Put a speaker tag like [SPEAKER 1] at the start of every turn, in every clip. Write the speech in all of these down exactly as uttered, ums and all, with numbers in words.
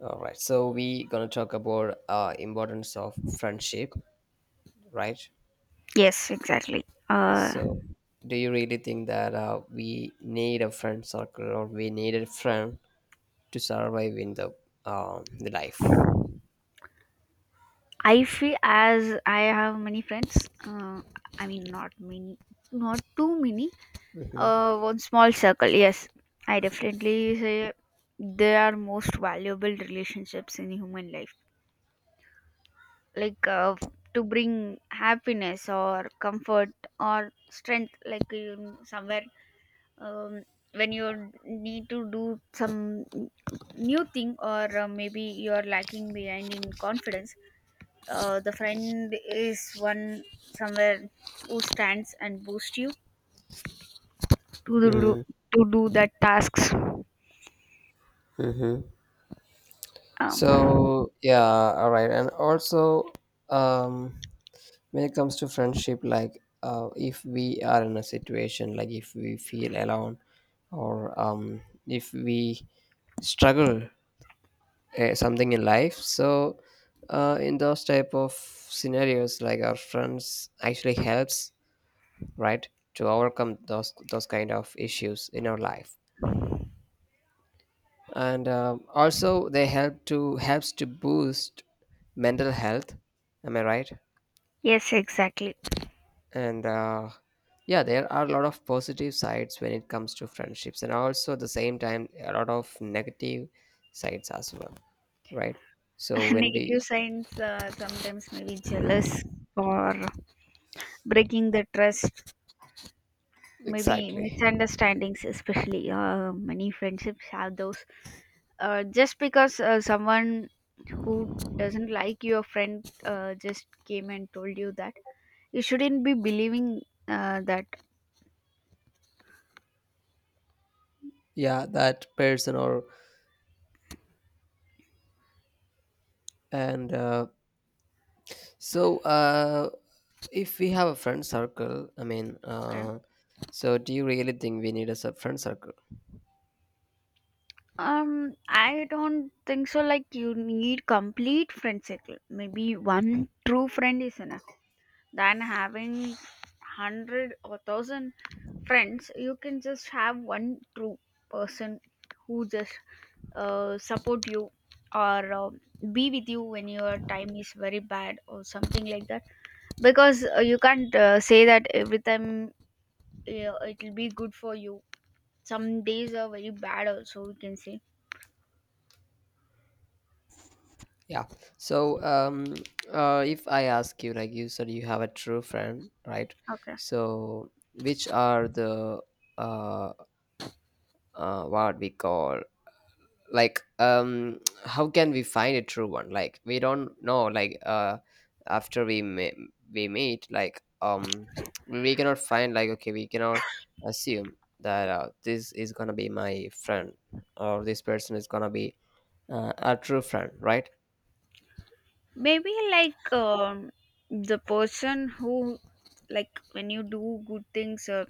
[SPEAKER 1] All right, so we gonna talk about uh, importance of friendship, right?
[SPEAKER 2] Yes, exactly. Uh,
[SPEAKER 1] So, do you really think that uh, we need a friend circle or we need a friend to survive in the um the life?
[SPEAKER 2] I feel as I have many friends. Uh, I mean, not many, not too many.
[SPEAKER 1] Mm-hmm.
[SPEAKER 2] Uh, one small circle. Yes, I definitely say they are most valuable relationships in human life. Like uh, to bring happiness or comfort or strength. Like you somewhere um, when you need to do some new thing or uh, maybe you're lacking behind in confidence uh, the friend is one somewhere who stands and boosts you to do, do- to do that tasks
[SPEAKER 1] Mm-hmm.
[SPEAKER 2] um,
[SPEAKER 1] So yeah, all right, and also um, when it comes to friendship, like uh, if we are in a situation like if we feel alone or um, if we struggle eh, something in life, so uh, in those type of scenarios, like our friends actually helps, right, to overcome those those kind of issues in our life, and uh, also they help to helps to boost mental health, am I right?
[SPEAKER 2] yes exactly.
[SPEAKER 1] And uh, yeah, there are a lot of positive sides when it comes to friendships, and also at the same time a lot of negative sides as well, right? So when we...
[SPEAKER 2] Negative signs, uh, sometimes maybe jealous or breaking the trust, maybe
[SPEAKER 1] exactly,
[SPEAKER 2] misunderstandings, especially uh, many friendships have those. Uh, just because uh, someone who doesn't like your friend uh, just came and told you that you shouldn't be believing uh, that.
[SPEAKER 1] yeah, that person, or and uh, so uh, if we have a friend circle, I mean
[SPEAKER 2] Okay.
[SPEAKER 1] uh, so do you really think we need a sub- friend circle?
[SPEAKER 2] Um, I don't think so. Like, you need complete friend circle. Maybe one true friend is enough. Than having hundred or thousand friends, you can just have one true person who just uh, support you or uh, be with you when your time is very bad or something like that. Because uh, you can't uh, say that every time uh, it will be good for you. Some days are very bad, also we can say.
[SPEAKER 1] Yeah, so um, uh, if I ask you, like, you said you have a true friend, right?
[SPEAKER 2] Okay.
[SPEAKER 1] So which are the uh, uh, what we call, like um, how can we find a true one? Like, we don't know, like uh, after we me- we meet, like um, we cannot find like, okay, we cannot assume that uh, this is gonna be my friend or this person is gonna be uh, a true friend, right?
[SPEAKER 2] Maybe like um, the person who, like when you do good things or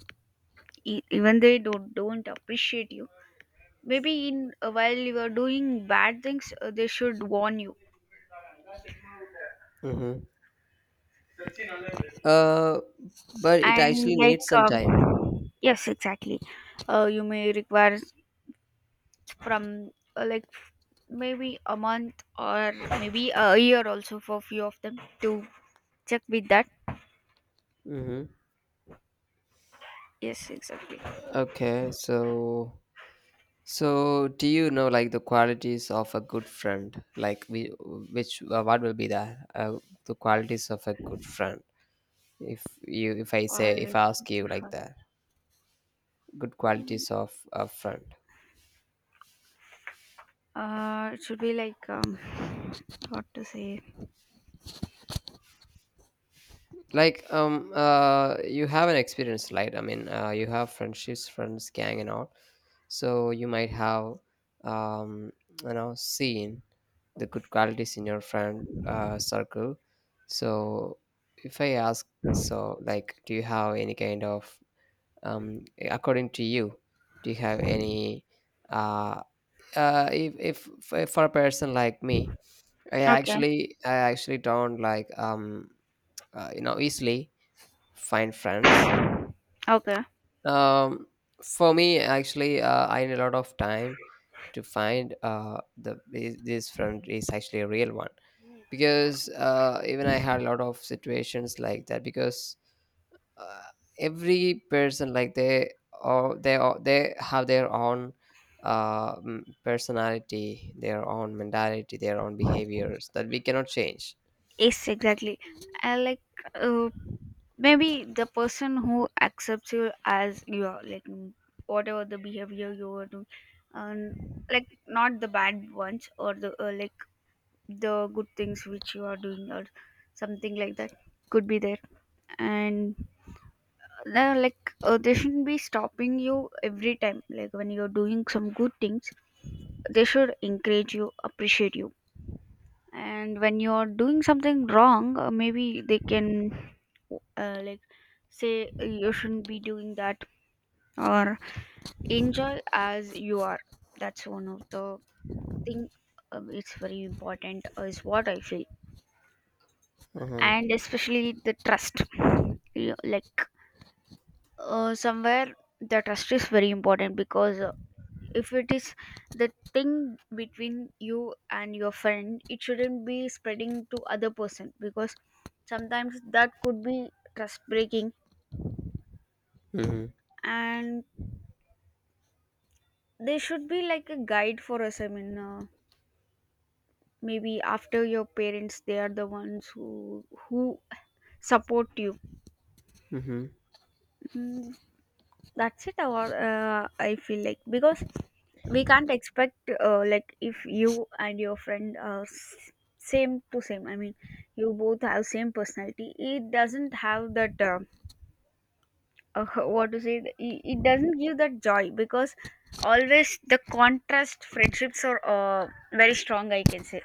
[SPEAKER 2] e- even they don't don't appreciate you, maybe in uh, while you are doing bad things uh, they should warn you.
[SPEAKER 1] Mm-hmm. Uh, but it
[SPEAKER 2] And
[SPEAKER 1] actually
[SPEAKER 2] like
[SPEAKER 1] needs some time.
[SPEAKER 2] um, yes exactly, uh, you may require from uh, like maybe a month or maybe a year also for few of them to check with that.
[SPEAKER 1] Mm-hmm.
[SPEAKER 2] Yes exactly.
[SPEAKER 1] Okay, so, so do you know like the qualities of a good friend? Like, we, which uh, what will be the uh, the qualities of a good friend? If you, if I
[SPEAKER 2] All
[SPEAKER 1] say, if
[SPEAKER 2] right.
[SPEAKER 1] I ask you like that, good qualities of a friend.
[SPEAKER 2] Uh, it should be like um, what to say?
[SPEAKER 1] Like um, uh, you have an experience, right? I mean, uh, you have friendships, friends, gang, and all. So you might have um, you know seen the good qualities in your friend uh, circle. So, if I ask, so like, do you have any kind of, um, according to you, do you have any, uh, uh, if, if if for a person like me, I
[SPEAKER 2] Okay,
[SPEAKER 1] actually I actually don't like um, uh, you know easily find friends.
[SPEAKER 2] okay.
[SPEAKER 1] Um, for me, actually, uh, I need a lot of time to find uh, the this this friend is actually a real one, because uh, even I had a lot of situations like that, because uh, every person, like, they or they are, they have their own uh, mm, personality, their own mentality, their own behaviors that we cannot change.
[SPEAKER 2] Yes, exactly. I like uh, maybe the person who accepts you as you are, like mm, whatever the behavior you are doing, and like not the bad ones or the uh, like the good things which you are doing or something like that could be there. And uh, like uh, they shouldn't be stopping you every time, like when you're doing some good things they should encourage you, appreciate you, and when you're doing something wrong uh, maybe they can uh, like say uh, you shouldn't be doing that or enjoy as you are. That's one of the thing. Uh, it's very important, uh, is what I feel.
[SPEAKER 1] Mm-hmm.
[SPEAKER 2] And especially the trust. You, like uh, somewhere the trust is very important because if it is the thing between you and your friend, it shouldn't be spreading to other person, because sometimes that could be trust breaking. And there should be like a guide for us, I mean, uh, maybe after your parents they are the ones who who support you.
[SPEAKER 1] Mm-hmm.
[SPEAKER 2] Mm, that's it. Or uh, I feel like, because we can't expect uh, like if you and your friend are s- same to same, I mean you both have same personality, it doesn't have that uh, uh, what to say, it it doesn't give that joy, because always the contrast friendships are uh, very strong, I can say.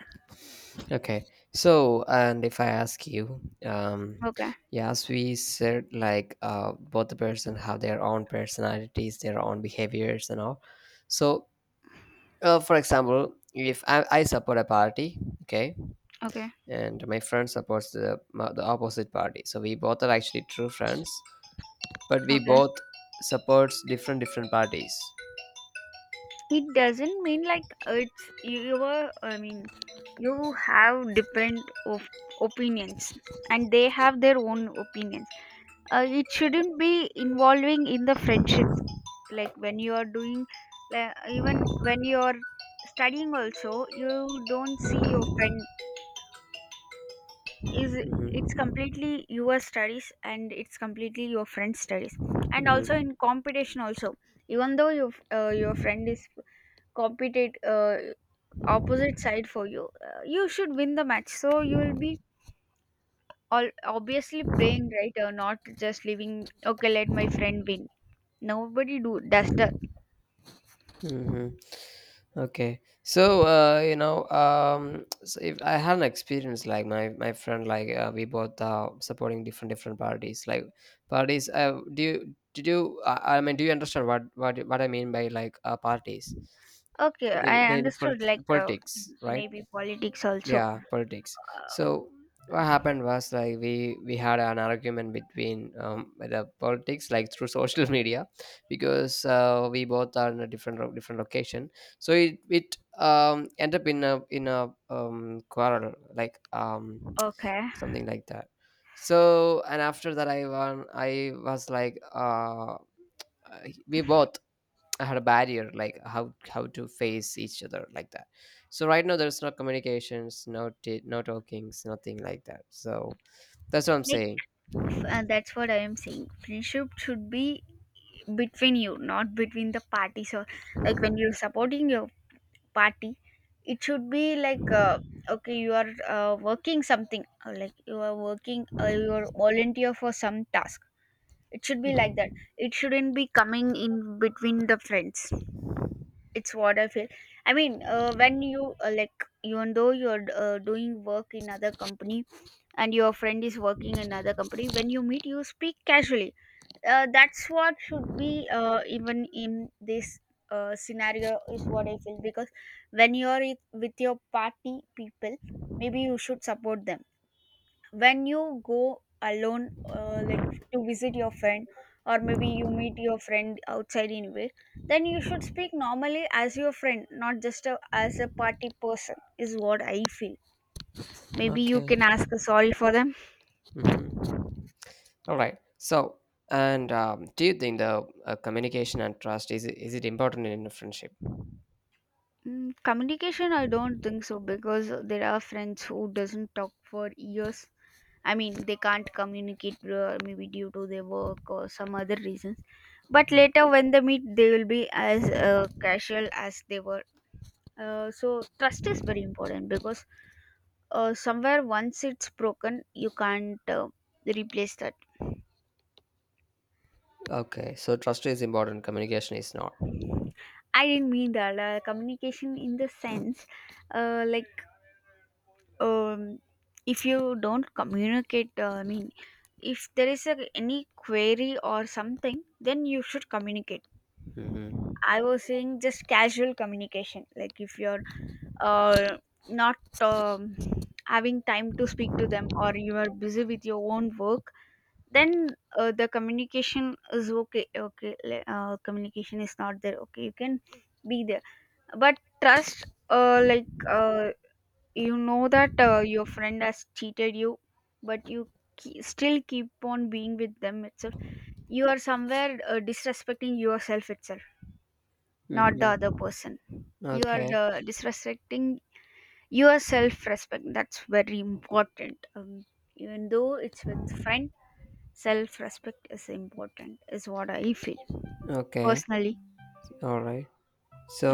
[SPEAKER 1] Okay, so, and if I ask you, um,
[SPEAKER 2] Okay,
[SPEAKER 1] yeah, as we said, like uh, both the person have their own personalities, their own behaviors, and all. So, uh, for example, if I, I support a party, okay,
[SPEAKER 2] okay,
[SPEAKER 1] and my friend supports the ma- the opposite party, so we both are actually true friends, but we
[SPEAKER 2] okay.
[SPEAKER 1] both supports different different parties.
[SPEAKER 2] It doesn't mean like it's, you, you were, I mean you have different of opinions and they have their own opinions. Uh, it shouldn't be involving in the friendships. Like when you are doing, like even when you are studying also, you don't see your friend is, it's
[SPEAKER 1] Mhm,
[SPEAKER 2] completely your studies and it's completely your friend's studies. And also
[SPEAKER 1] mhm.
[SPEAKER 2] in competition also, even though your, uh, your friend is competent uh, opposite side for you, uh, you should win the match, so you will be all obviously playing, right? Or not just leaving, okay, let my friend win. Nobody do does the.
[SPEAKER 1] Mm-hmm. Okay, so, uh, you know, um, so if I had an experience like my my friend, like uh, we both uh, supporting different different parties, like parties. Uh, do you, did you? Uh, I I mean, do you understand what what what I mean by like uh, parties?
[SPEAKER 2] Okay,
[SPEAKER 1] They
[SPEAKER 2] I
[SPEAKER 1] they the pol-
[SPEAKER 2] understood. Like
[SPEAKER 1] the
[SPEAKER 2] um,
[SPEAKER 1] politics, right?
[SPEAKER 2] maybe politics also.
[SPEAKER 1] Yeah, politics.
[SPEAKER 2] Uh,
[SPEAKER 1] So what happened was like, we we had an argument between um, the politics, like through social media, because uh, we both are in a different ro- different location, so it it um, end up in a in a um, quarrel, like um,
[SPEAKER 2] okay,
[SPEAKER 1] something like that. So, and after that, I won, I was like uh, uh, we both had a barrier like how how to face each other, like that. So right now there's no communications, no t- no talkings, nothing like that, so that's what I'm
[SPEAKER 2] like
[SPEAKER 1] saying.
[SPEAKER 2] uh, that's what I am saying. Friendship should be between you, not between the parties. Or like when you're supporting your party, it should be like uh, okay, you are uh, working something. Or like you are working, uh, you are volunteer for some task. It should be like that. It shouldn't be coming in between the friends. It's what I feel. I mean, uh, when you uh, like even though you're uh, doing work in other company and your friend is working in another company, when you meet you speak casually. Uh, that's what should be uh, even in this uh, scenario, is what I feel. Because when you're with with your party people, maybe you should support them. When you go alone uh, like to visit your friend or maybe you meet your friend outside anywhere, then you should speak normally as your friend, not just a, as a party person, is what I feel. Maybe you
[SPEAKER 1] Okay.
[SPEAKER 2] can ask a sorry for them.
[SPEAKER 1] Mhm. All right, so, and um, do you think the uh, communication and trust is it- is it important in a friendship?
[SPEAKER 2] Mm, communication I don't think so, because there are friends who doesn't talk for years, I mean they can't communicate, uh, maybe due to their work or some other reasons. But
[SPEAKER 1] Mhm.
[SPEAKER 2] later when they meet, they will be as uh, casual as they were. Uh, so trust is very important, because uh, somewhere once it's broken, you can't uh, replace that.
[SPEAKER 1] Okay, so trust is important, communication is not.
[SPEAKER 2] I didn't mean that. Uh, communication in the sense, uh, like um, if you don't communicate, uh, I mean, if there is a, any query or something, then you should communicate.
[SPEAKER 1] Hmm.
[SPEAKER 2] I was saying just casual communication, like if you're uh, not um, having time to speak to them or you are busy with your own work, then uh, the communication is okay, okay, le- uh, communication is not there, okay, you can be there. But trust, uh, like uh, you know that uh, your friend has cheated you, but you ke- still keep on being with them itself, you are somewhere uh, disrespecting yourself itself, not the other
[SPEAKER 1] Hmm.
[SPEAKER 2] person. You are
[SPEAKER 1] Okay.
[SPEAKER 2] uh, disrespecting your self respect. That's very important, um, even though it's with friend, self respect is important, is what I feel
[SPEAKER 1] Okay.
[SPEAKER 2] personally.
[SPEAKER 1] All right,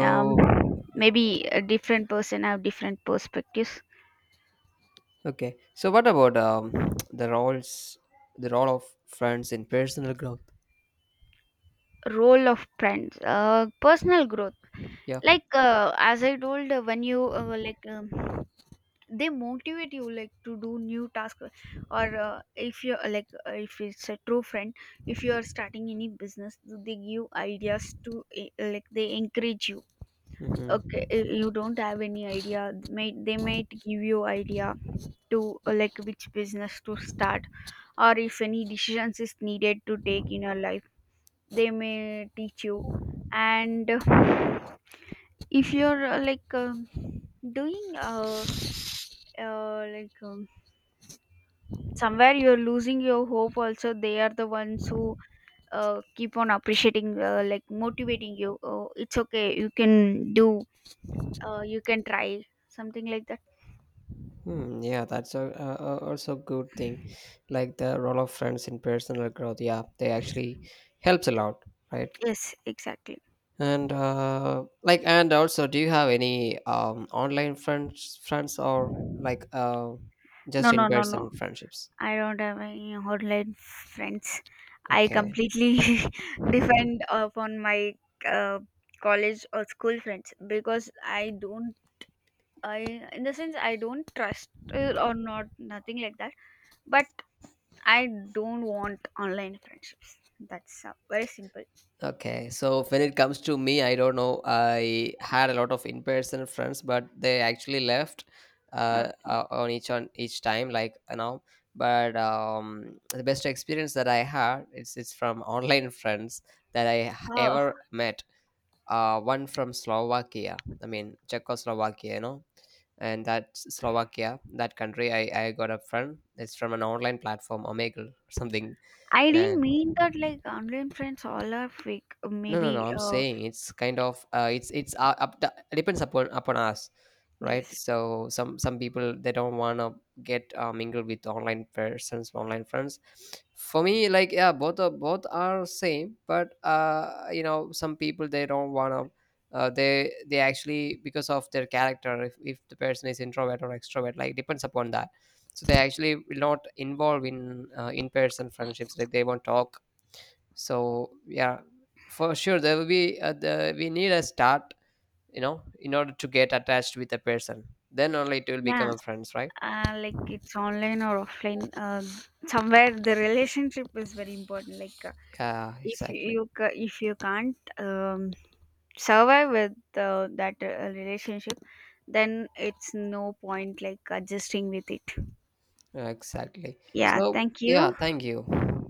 [SPEAKER 2] um, Maybe a different person have different perspectives.
[SPEAKER 1] okay, so what about um, the roles, the role of friends in personal growth?
[SPEAKER 2] Role of friends, uh, personal growth.
[SPEAKER 1] Yeah.
[SPEAKER 2] Like uh, as I told, uh, when you uh, like um, they motivate you like to do new task, or uh, if you like uh, if it's a true friend, if you are starting any business they give ideas to, uh, like they encourage you. Okay,
[SPEAKER 1] Hmm.
[SPEAKER 2] i- you don't have any idea, may, they might give you idea to uh, like which business to start, or if any decisions is needed to take in your life they may teach you. And uh, if you're uh, like um doing uh, uh like um, somewhere you're losing your hope, also they are the ones who uh, keep on appreciating, uh, like motivating you, oh, it's okay you can do, uh, you can try something like that.
[SPEAKER 1] Hmm, yeah, that's a, a, a- also good thing. Like the role of friends in personal growth. Yeah, they actually helps a lot, right?
[SPEAKER 2] Yes, exactly.
[SPEAKER 1] And uh, like, and also, do you have any um, online friends, friends, or
[SPEAKER 2] No,
[SPEAKER 1] like uh,
[SPEAKER 2] no,
[SPEAKER 1] just in
[SPEAKER 2] no, no.
[SPEAKER 1] person friendships?
[SPEAKER 2] I don't have any online friends. I
[SPEAKER 1] Okay.
[SPEAKER 2] completely
[SPEAKER 1] Mm-hmm.
[SPEAKER 2] depend upon my uh, college or school friends, because I don't. I, in the sense I don't trust uh, or not, nothing like that. But I don't want online friendships. That's uh, very simple.
[SPEAKER 1] Okay, so when it comes to me, I don't know, I had a lot of in-person friends, but they actually left uh,
[SPEAKER 2] Okay.
[SPEAKER 1] uh, on each on each time, like you know. But um, the best experience that I had is it's from online friends that I h-
[SPEAKER 2] Uh,
[SPEAKER 1] ever met. Uh, one from Slovakia, I mean Czechoslovakia, you know, and that's Slovakia, that country. I I got a friend. It's from an online platform, Omegle, something,
[SPEAKER 2] I didn't
[SPEAKER 1] and
[SPEAKER 2] mean that like online friends all are fake.
[SPEAKER 1] no, no, no,
[SPEAKER 2] Maybe
[SPEAKER 1] I'm
[SPEAKER 2] uh
[SPEAKER 1] saying it's kind of uh, it's it's uh, up to, depends upon upon us, right?
[SPEAKER 2] yes.
[SPEAKER 1] So some some people, they don't want to get uh, mingled with online persons, online friends. For me, like, yeah, both are, both are same, but uh, you know, some people they don't want to. Uh, they they actually, because of their character, if if the person is introvert or extrovert, like depends upon that. So they actually will not involve in uh, in person friendships. Like they won't talk, so yeah, for sure there will be uh, the, we need a start, you know, in order to get attached with a person, then only it will become
[SPEAKER 2] Yeah,
[SPEAKER 1] a friends, right?
[SPEAKER 2] uh, like it's online or offline, uh, somewhere the relationship is very important, like uh,
[SPEAKER 1] Yeah,
[SPEAKER 2] if you,
[SPEAKER 1] exactly.
[SPEAKER 2] you ca- if you can't um, survive with uh, that uh, relationship, then it's no point like adjusting with it.
[SPEAKER 1] Yeah, exactly,
[SPEAKER 2] Yeah,
[SPEAKER 1] so
[SPEAKER 2] thank
[SPEAKER 1] yeah,
[SPEAKER 2] you.
[SPEAKER 1] thank you.